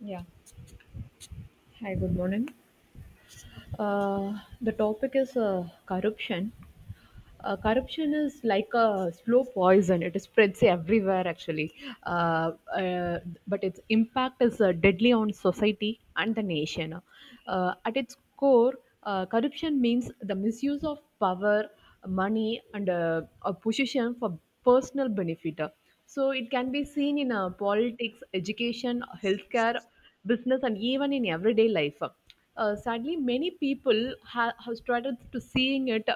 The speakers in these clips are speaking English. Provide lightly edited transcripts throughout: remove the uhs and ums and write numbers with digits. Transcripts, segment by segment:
Yeah. Hi, good morning. The topic is corruption. Corruption is like a slow poison. It spreads everywhere, actually. Uh, uh, but its impact is deadly on society and the nation. At its core, corruption means the misuse of power, money, and a position for personal benefit. So it can be seen in politics, education, healthcare, business, and even in everyday life. Sadly, many people have started to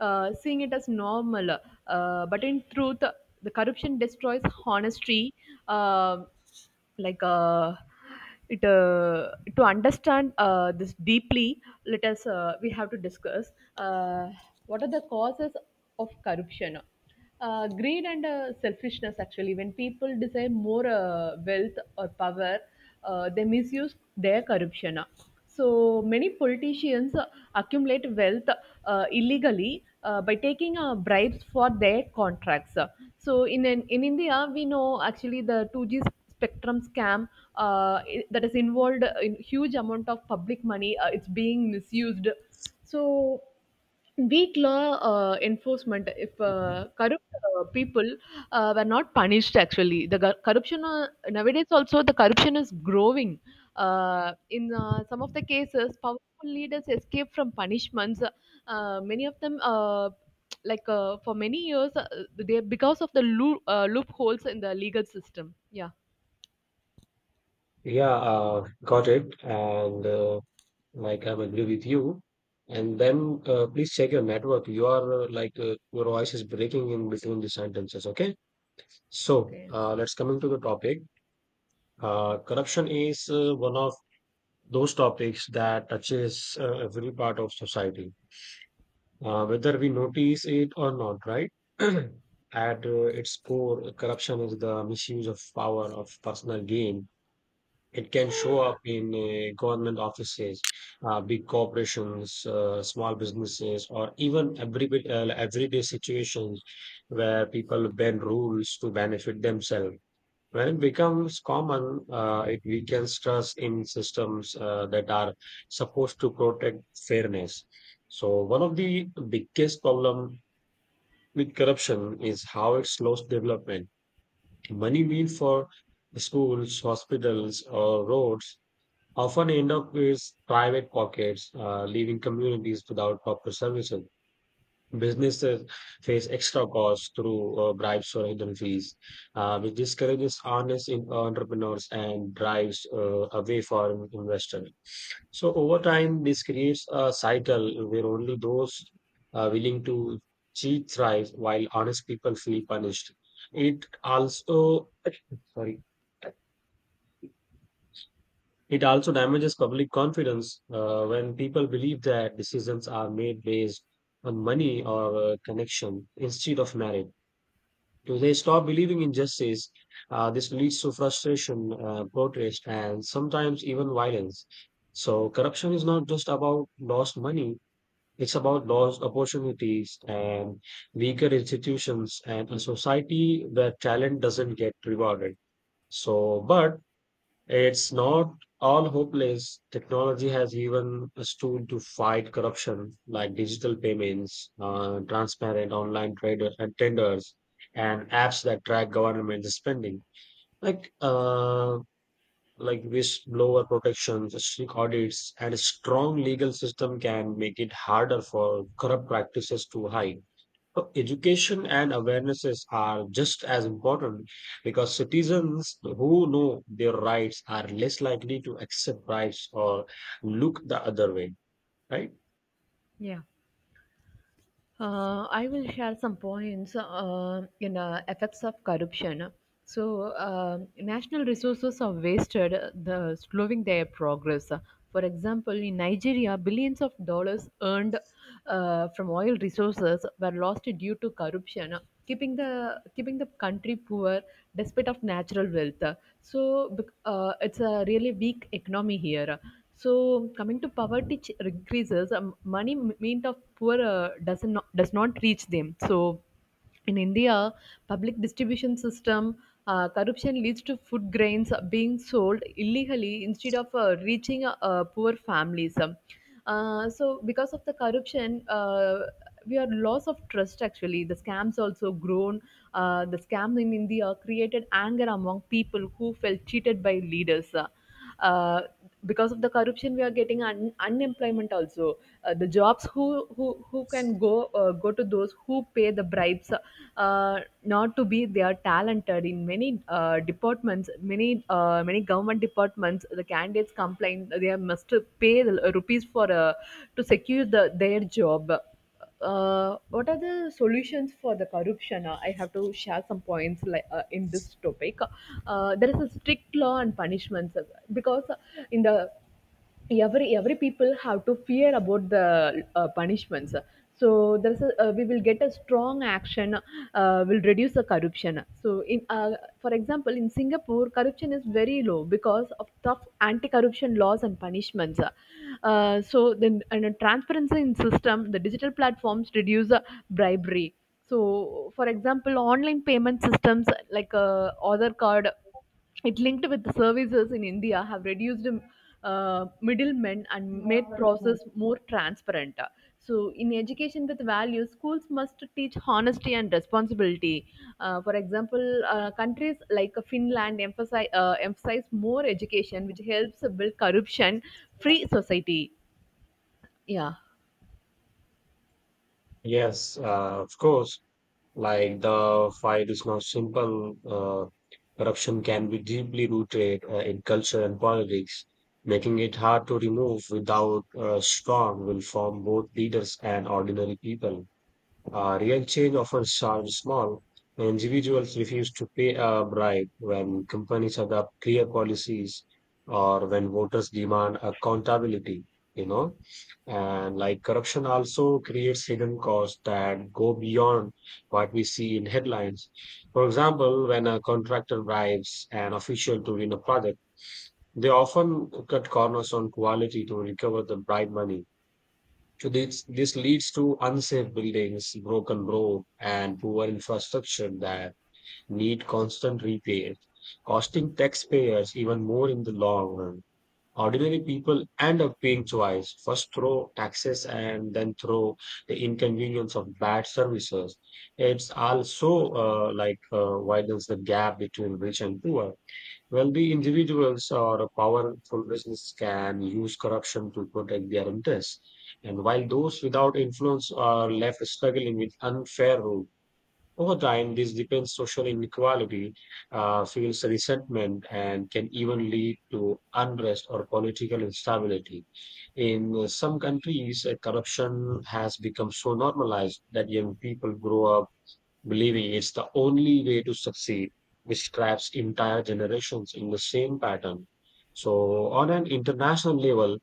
seeing it as normal. But in truth, the corruption destroys honesty. Um like it to understand this deeply, let us we have to discuss uh, what are the causes of corruption. Greed and selfishness, actually, when people desire more wealth or power, they misuse their corruption. So many politicians accumulate wealth illegally by taking bribes for their contracts. So in India, we know, actually, the 2G spectrum scam that is involved in huge amount of public money. It's being misused. So weak law enforcement. If corrupt people were not punished, actually, the corruption, nowadays also, the corruption is growing. In some of the cases, powerful leaders escape from punishments. Many of them, for many years, they, because of the loopholes in the legal system. Yeah. Yeah, got it. And like I'm agree with you. And then please check your network. You are your voice is breaking in between the sentences. Okay. So Okay. uh, let's coming to the topic. Corruption is one of those topics that touches every part of society, whether we notice it or not, right? At its core, corruption is the misuse of power of personal gain. It can show up in government offices, big corporations, small businesses, or even everyday situations where people bend rules to benefit themselves. When it becomes common, it weakens trust in systems that are supposed to protect fairness. So one of the biggest problem with corruption is how it slows development. Money mean for schools, hospitals, or roads often end up with private pockets, leaving communities without proper services. Businesses face extra costs through bribes or hidden fees, which discourages entrepreneurs and drives away foreign investors. So over time, this creates a cycle where only those willing to cheat thrive, while honest people feel punished. It also sorry, it also damages public confidence when people believe that decisions are made based on money or connection instead of merit. If they stop believing in justice, this leads to frustration, protest, and sometimes even violence. So, corruption is not just about lost money, it's about lost opportunities and weaker institutions and a society where talent doesn't get rewarded. So, but it's not all hopeless. Technology has even a tool to fight corruption, like digital payments, transparent online trader and tenders, and apps that track government spending, like uh, like whistleblower protections, strict audits, and a strong legal system can make it harder for corrupt practices to hide. So Education and awarenesses are just as important because citizens who know their rights are less likely to accept rights or look the other way, right? Yeah. I will share some points in effects of corruption. So, national resources are wasted, the slowing their progress. For example, in Nigeria, billions of dollars earned from oil resources were lost due to corruption, keeping the country poor despite of natural wealth. So, it's a really weak economy here. So coming to poverty increases, money meant of poor does not reach them. So in India, public distribution system corruption leads to food grains being sold illegally instead of reaching poor families. So because of the corruption, uh, we are loss of trust. Actually, the scams also grown. The scams in India created anger among people who felt cheated by leaders. Uh, because of the corruption, we are getting unemployment also. The jobs, who can go, go to those who pay the bribes, not to be they are talented. In many departments, many government departments, the candidates complain they must pay the rupees for, to secure the their job. What are the solutions for the corruption? I have to share some points in this topic. There is a strict law and punishments, because in the, every people have to fear about the punishments. So there's a, we will get a strong action will reduce the corruption. So in for example, in Singapore, corruption is very low because of tough anti corruption laws and punishments. So then, and a transparency in system, the digital platforms reduce bribery. So for example, online payment systems other card, it linked with the services in India, have reduced middlemen and made process more transparent. So, in education with values, schools must teach honesty and responsibility. For example, countries like Finland emphasize more education, which helps build corruption-free society. Yeah. Yes, of course. Like the fight is not simple. Corruption can be deeply rooted in culture and politics, making it hard to remove without a strong will from both leaders and ordinary people. Real change often starts small. Individuals refuse to pay a bribe when companies adopt clear policies or when voters demand accountability, you know. And like corruption also creates hidden costs that go beyond what we see in headlines. For example, when a contractor bribes an official to win a project, they often cut corners on quality to recover the bribe money, so this leads to unsafe buildings, broken road, and poor infrastructure that need constant repair, costing taxpayers even more in the long run. Ordinary people end up paying twice, first through taxes and then through the inconvenience of bad services. It's also widens the gap between rich and poor. Wealthy individuals or powerful business can use corruption to protect their interests, and while those without influence are left struggling with unfair rule. Over time, this deepens social inequality, fuels resentment, and can even lead to unrest or political instability. In some countries, corruption has become so normalized that young people grow up believing it's the only way to succeed, which traps entire generations in the same pattern. So, on an international level,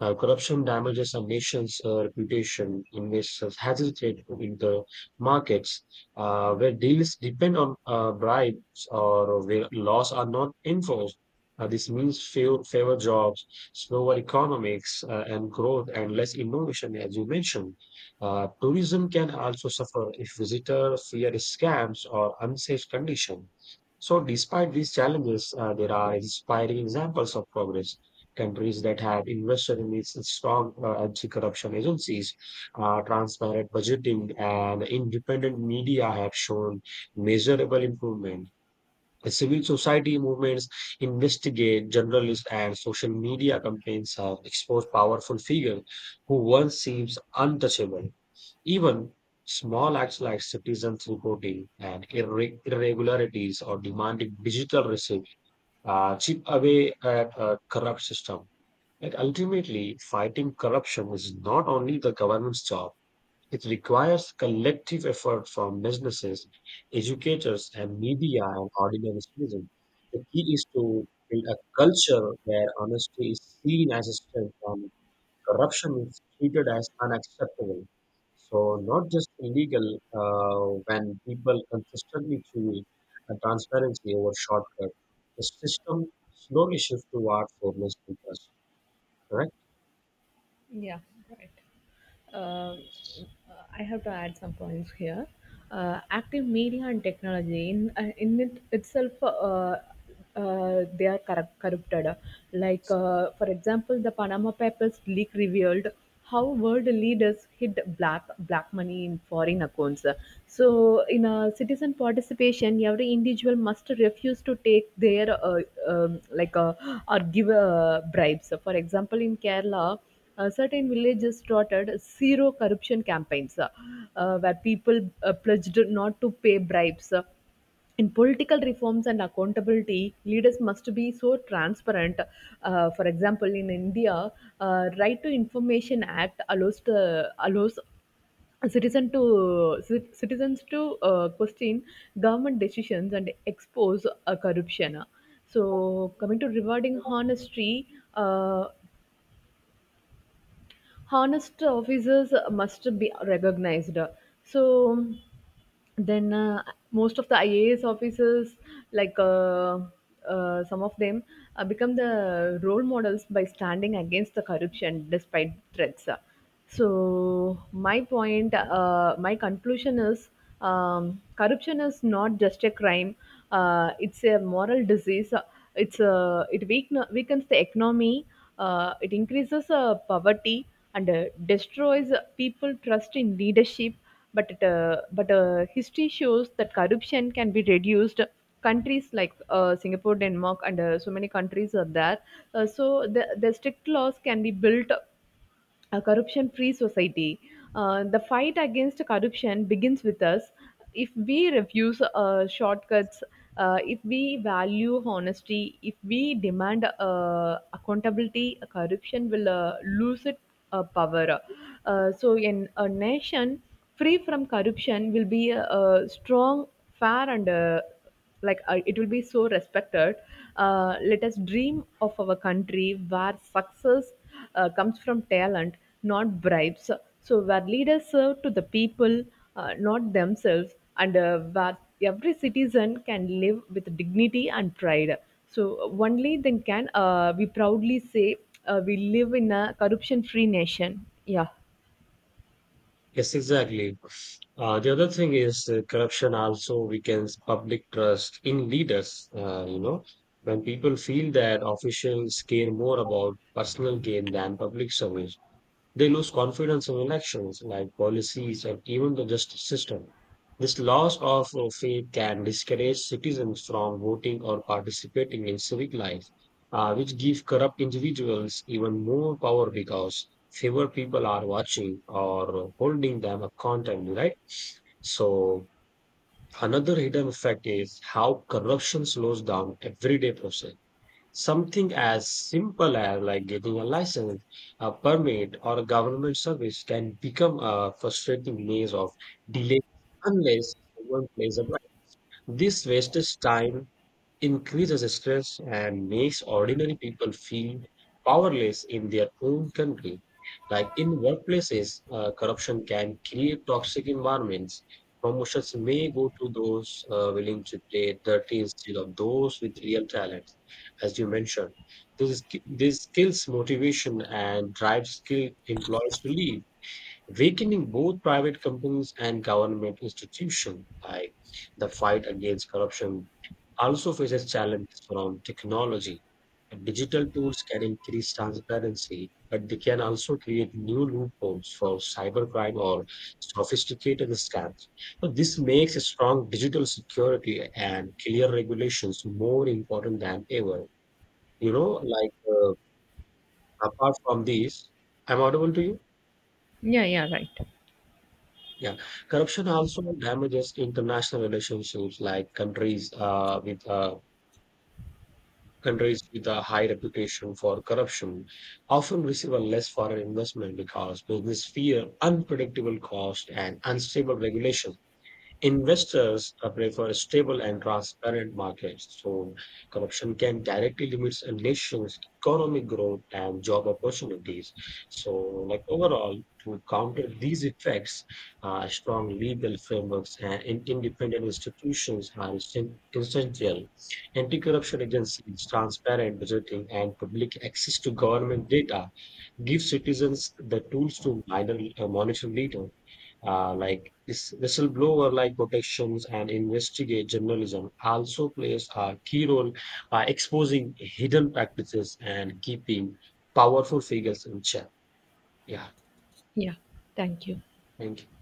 corruption damages a nation's reputation. Investors hesitate to enter markets where deals depend on bribes or where laws are not enforced. This means fewer jobs, slower economics and growth, and less innovation, as you mentioned. Tourism can also suffer if visitors fear scams or unsafe conditions. So, despite these challenges, there are inspiring examples of progress. Countries that have invested in these strong anti-corruption agencies, transparent budgeting, and independent media have shown measurable improvement. The civil society movements, investigate journalists and social media campaigns have exposed powerful figures who once seems untouchable. Even small acts like citizens reporting and irregularities or demanding digital receipt chip away at a corrupt system. Like ultimately, fighting corruption is not only the government's job. It requires collective effort from businesses, educators, and media and ordinary citizens. The key is to build a culture where honesty is seen as a strength and corruption is treated as unacceptable. So, not just illegal when people consistently choose transparency over shortcut. The system slowly shifts toward fairness and trust. Correct? Yeah, right. I have to add some points here. Active media and technology in it itself, they are corrupted. For example, the Panama Papers leak revealed how world leaders hid black money in foreign accounts. So, in a citizen participation, every individual must refuse to take their um, like uh, or give bribes. So, for example, in Kerala. Certain villages started zero corruption campaigns where people pledged not to pay bribes. In political reforms and accountability, leaders must be so transparent. For example, in India, Right to Information Act allows a citizens to question government decisions and expose corruption. So, coming to rewarding honesty, uh, honest officers must be recognized. So then most of the IAS officers, like uh, some of them become the role models by standing against the corruption despite threats. So my point, my conclusion is, corruption is not just a crime. It's a moral disease. It's a, it weaken, weakens the economy. It increases poverty and destroys people trust in leadership. But history shows that corruption can be reduced. Countries like Singapore, Denmark, and so many countries are there. So the strict laws can be built a corruption free society. The fight against corruption begins with us. If we refuse shortcuts, if we value honesty, if we demand accountability, corruption will lose its power. In a nation free from corruption will be a strong, fair, and like I it will be so respected. Let us dream of our country where success comes from talent, not bribes. So where leaders serve to the people, not themselves, and where every citizen can live with dignity and pride. So only then can we proudly say we live in a corruption free nation. Yeah. Yes, exactly. The other thing is corruption also weakens public trust in leaders. You know, when people feel that officials care more about personal gain than public service. They lose confidence in elections, like policies, and even the justice system. This loss of faith can discourage citizens from voting or participating in civic life, which give corrupt individuals even more power because fewer people are watching or holding them accountable, right? So another hidden effect is how corruption slows down everyday process. Something as simple as like getting a license, a permit, or a government service can become a frustrating maze of delays unless someone plays a right. This wastes time, increases stress and makes ordinary people feel powerless in their own country. Like in workplaces, corruption can create toxic environments. Promotions may go to those willing to play dirty instead of those with real talent, as you mentioned. This kills motivation and drives skilled employees to leave, weakening both private companies and government institutions. Like the fight against corruption also faces challenges around technology. Digital tools can increase transparency, but they can also create new loopholes for cybercrime or sophisticated scams. So this makes a strong digital security and clear regulations more important than ever. You know, apart from these, I'm audible to you. Yeah. Right. Yeah, corruption also damages international relationships, like countries with a high reputation for corruption often receive a less foreign investment because business fear unpredictable cost and unstable regulation. Investors prefer stable and transparent markets, so corruption can directly limit a nation's economic growth and job opportunities. So, like overall, to counter these effects, strong legal frameworks and independent institutions are essential. Anti-corruption agencies, transparent budgeting, and public access to government data give citizens the tools to monitor leader, like this whistleblower like protections and investigate journalism also plays a key role by exposing hidden practices and keeping powerful figures in check. Yeah, Yeah, thank you. thank you.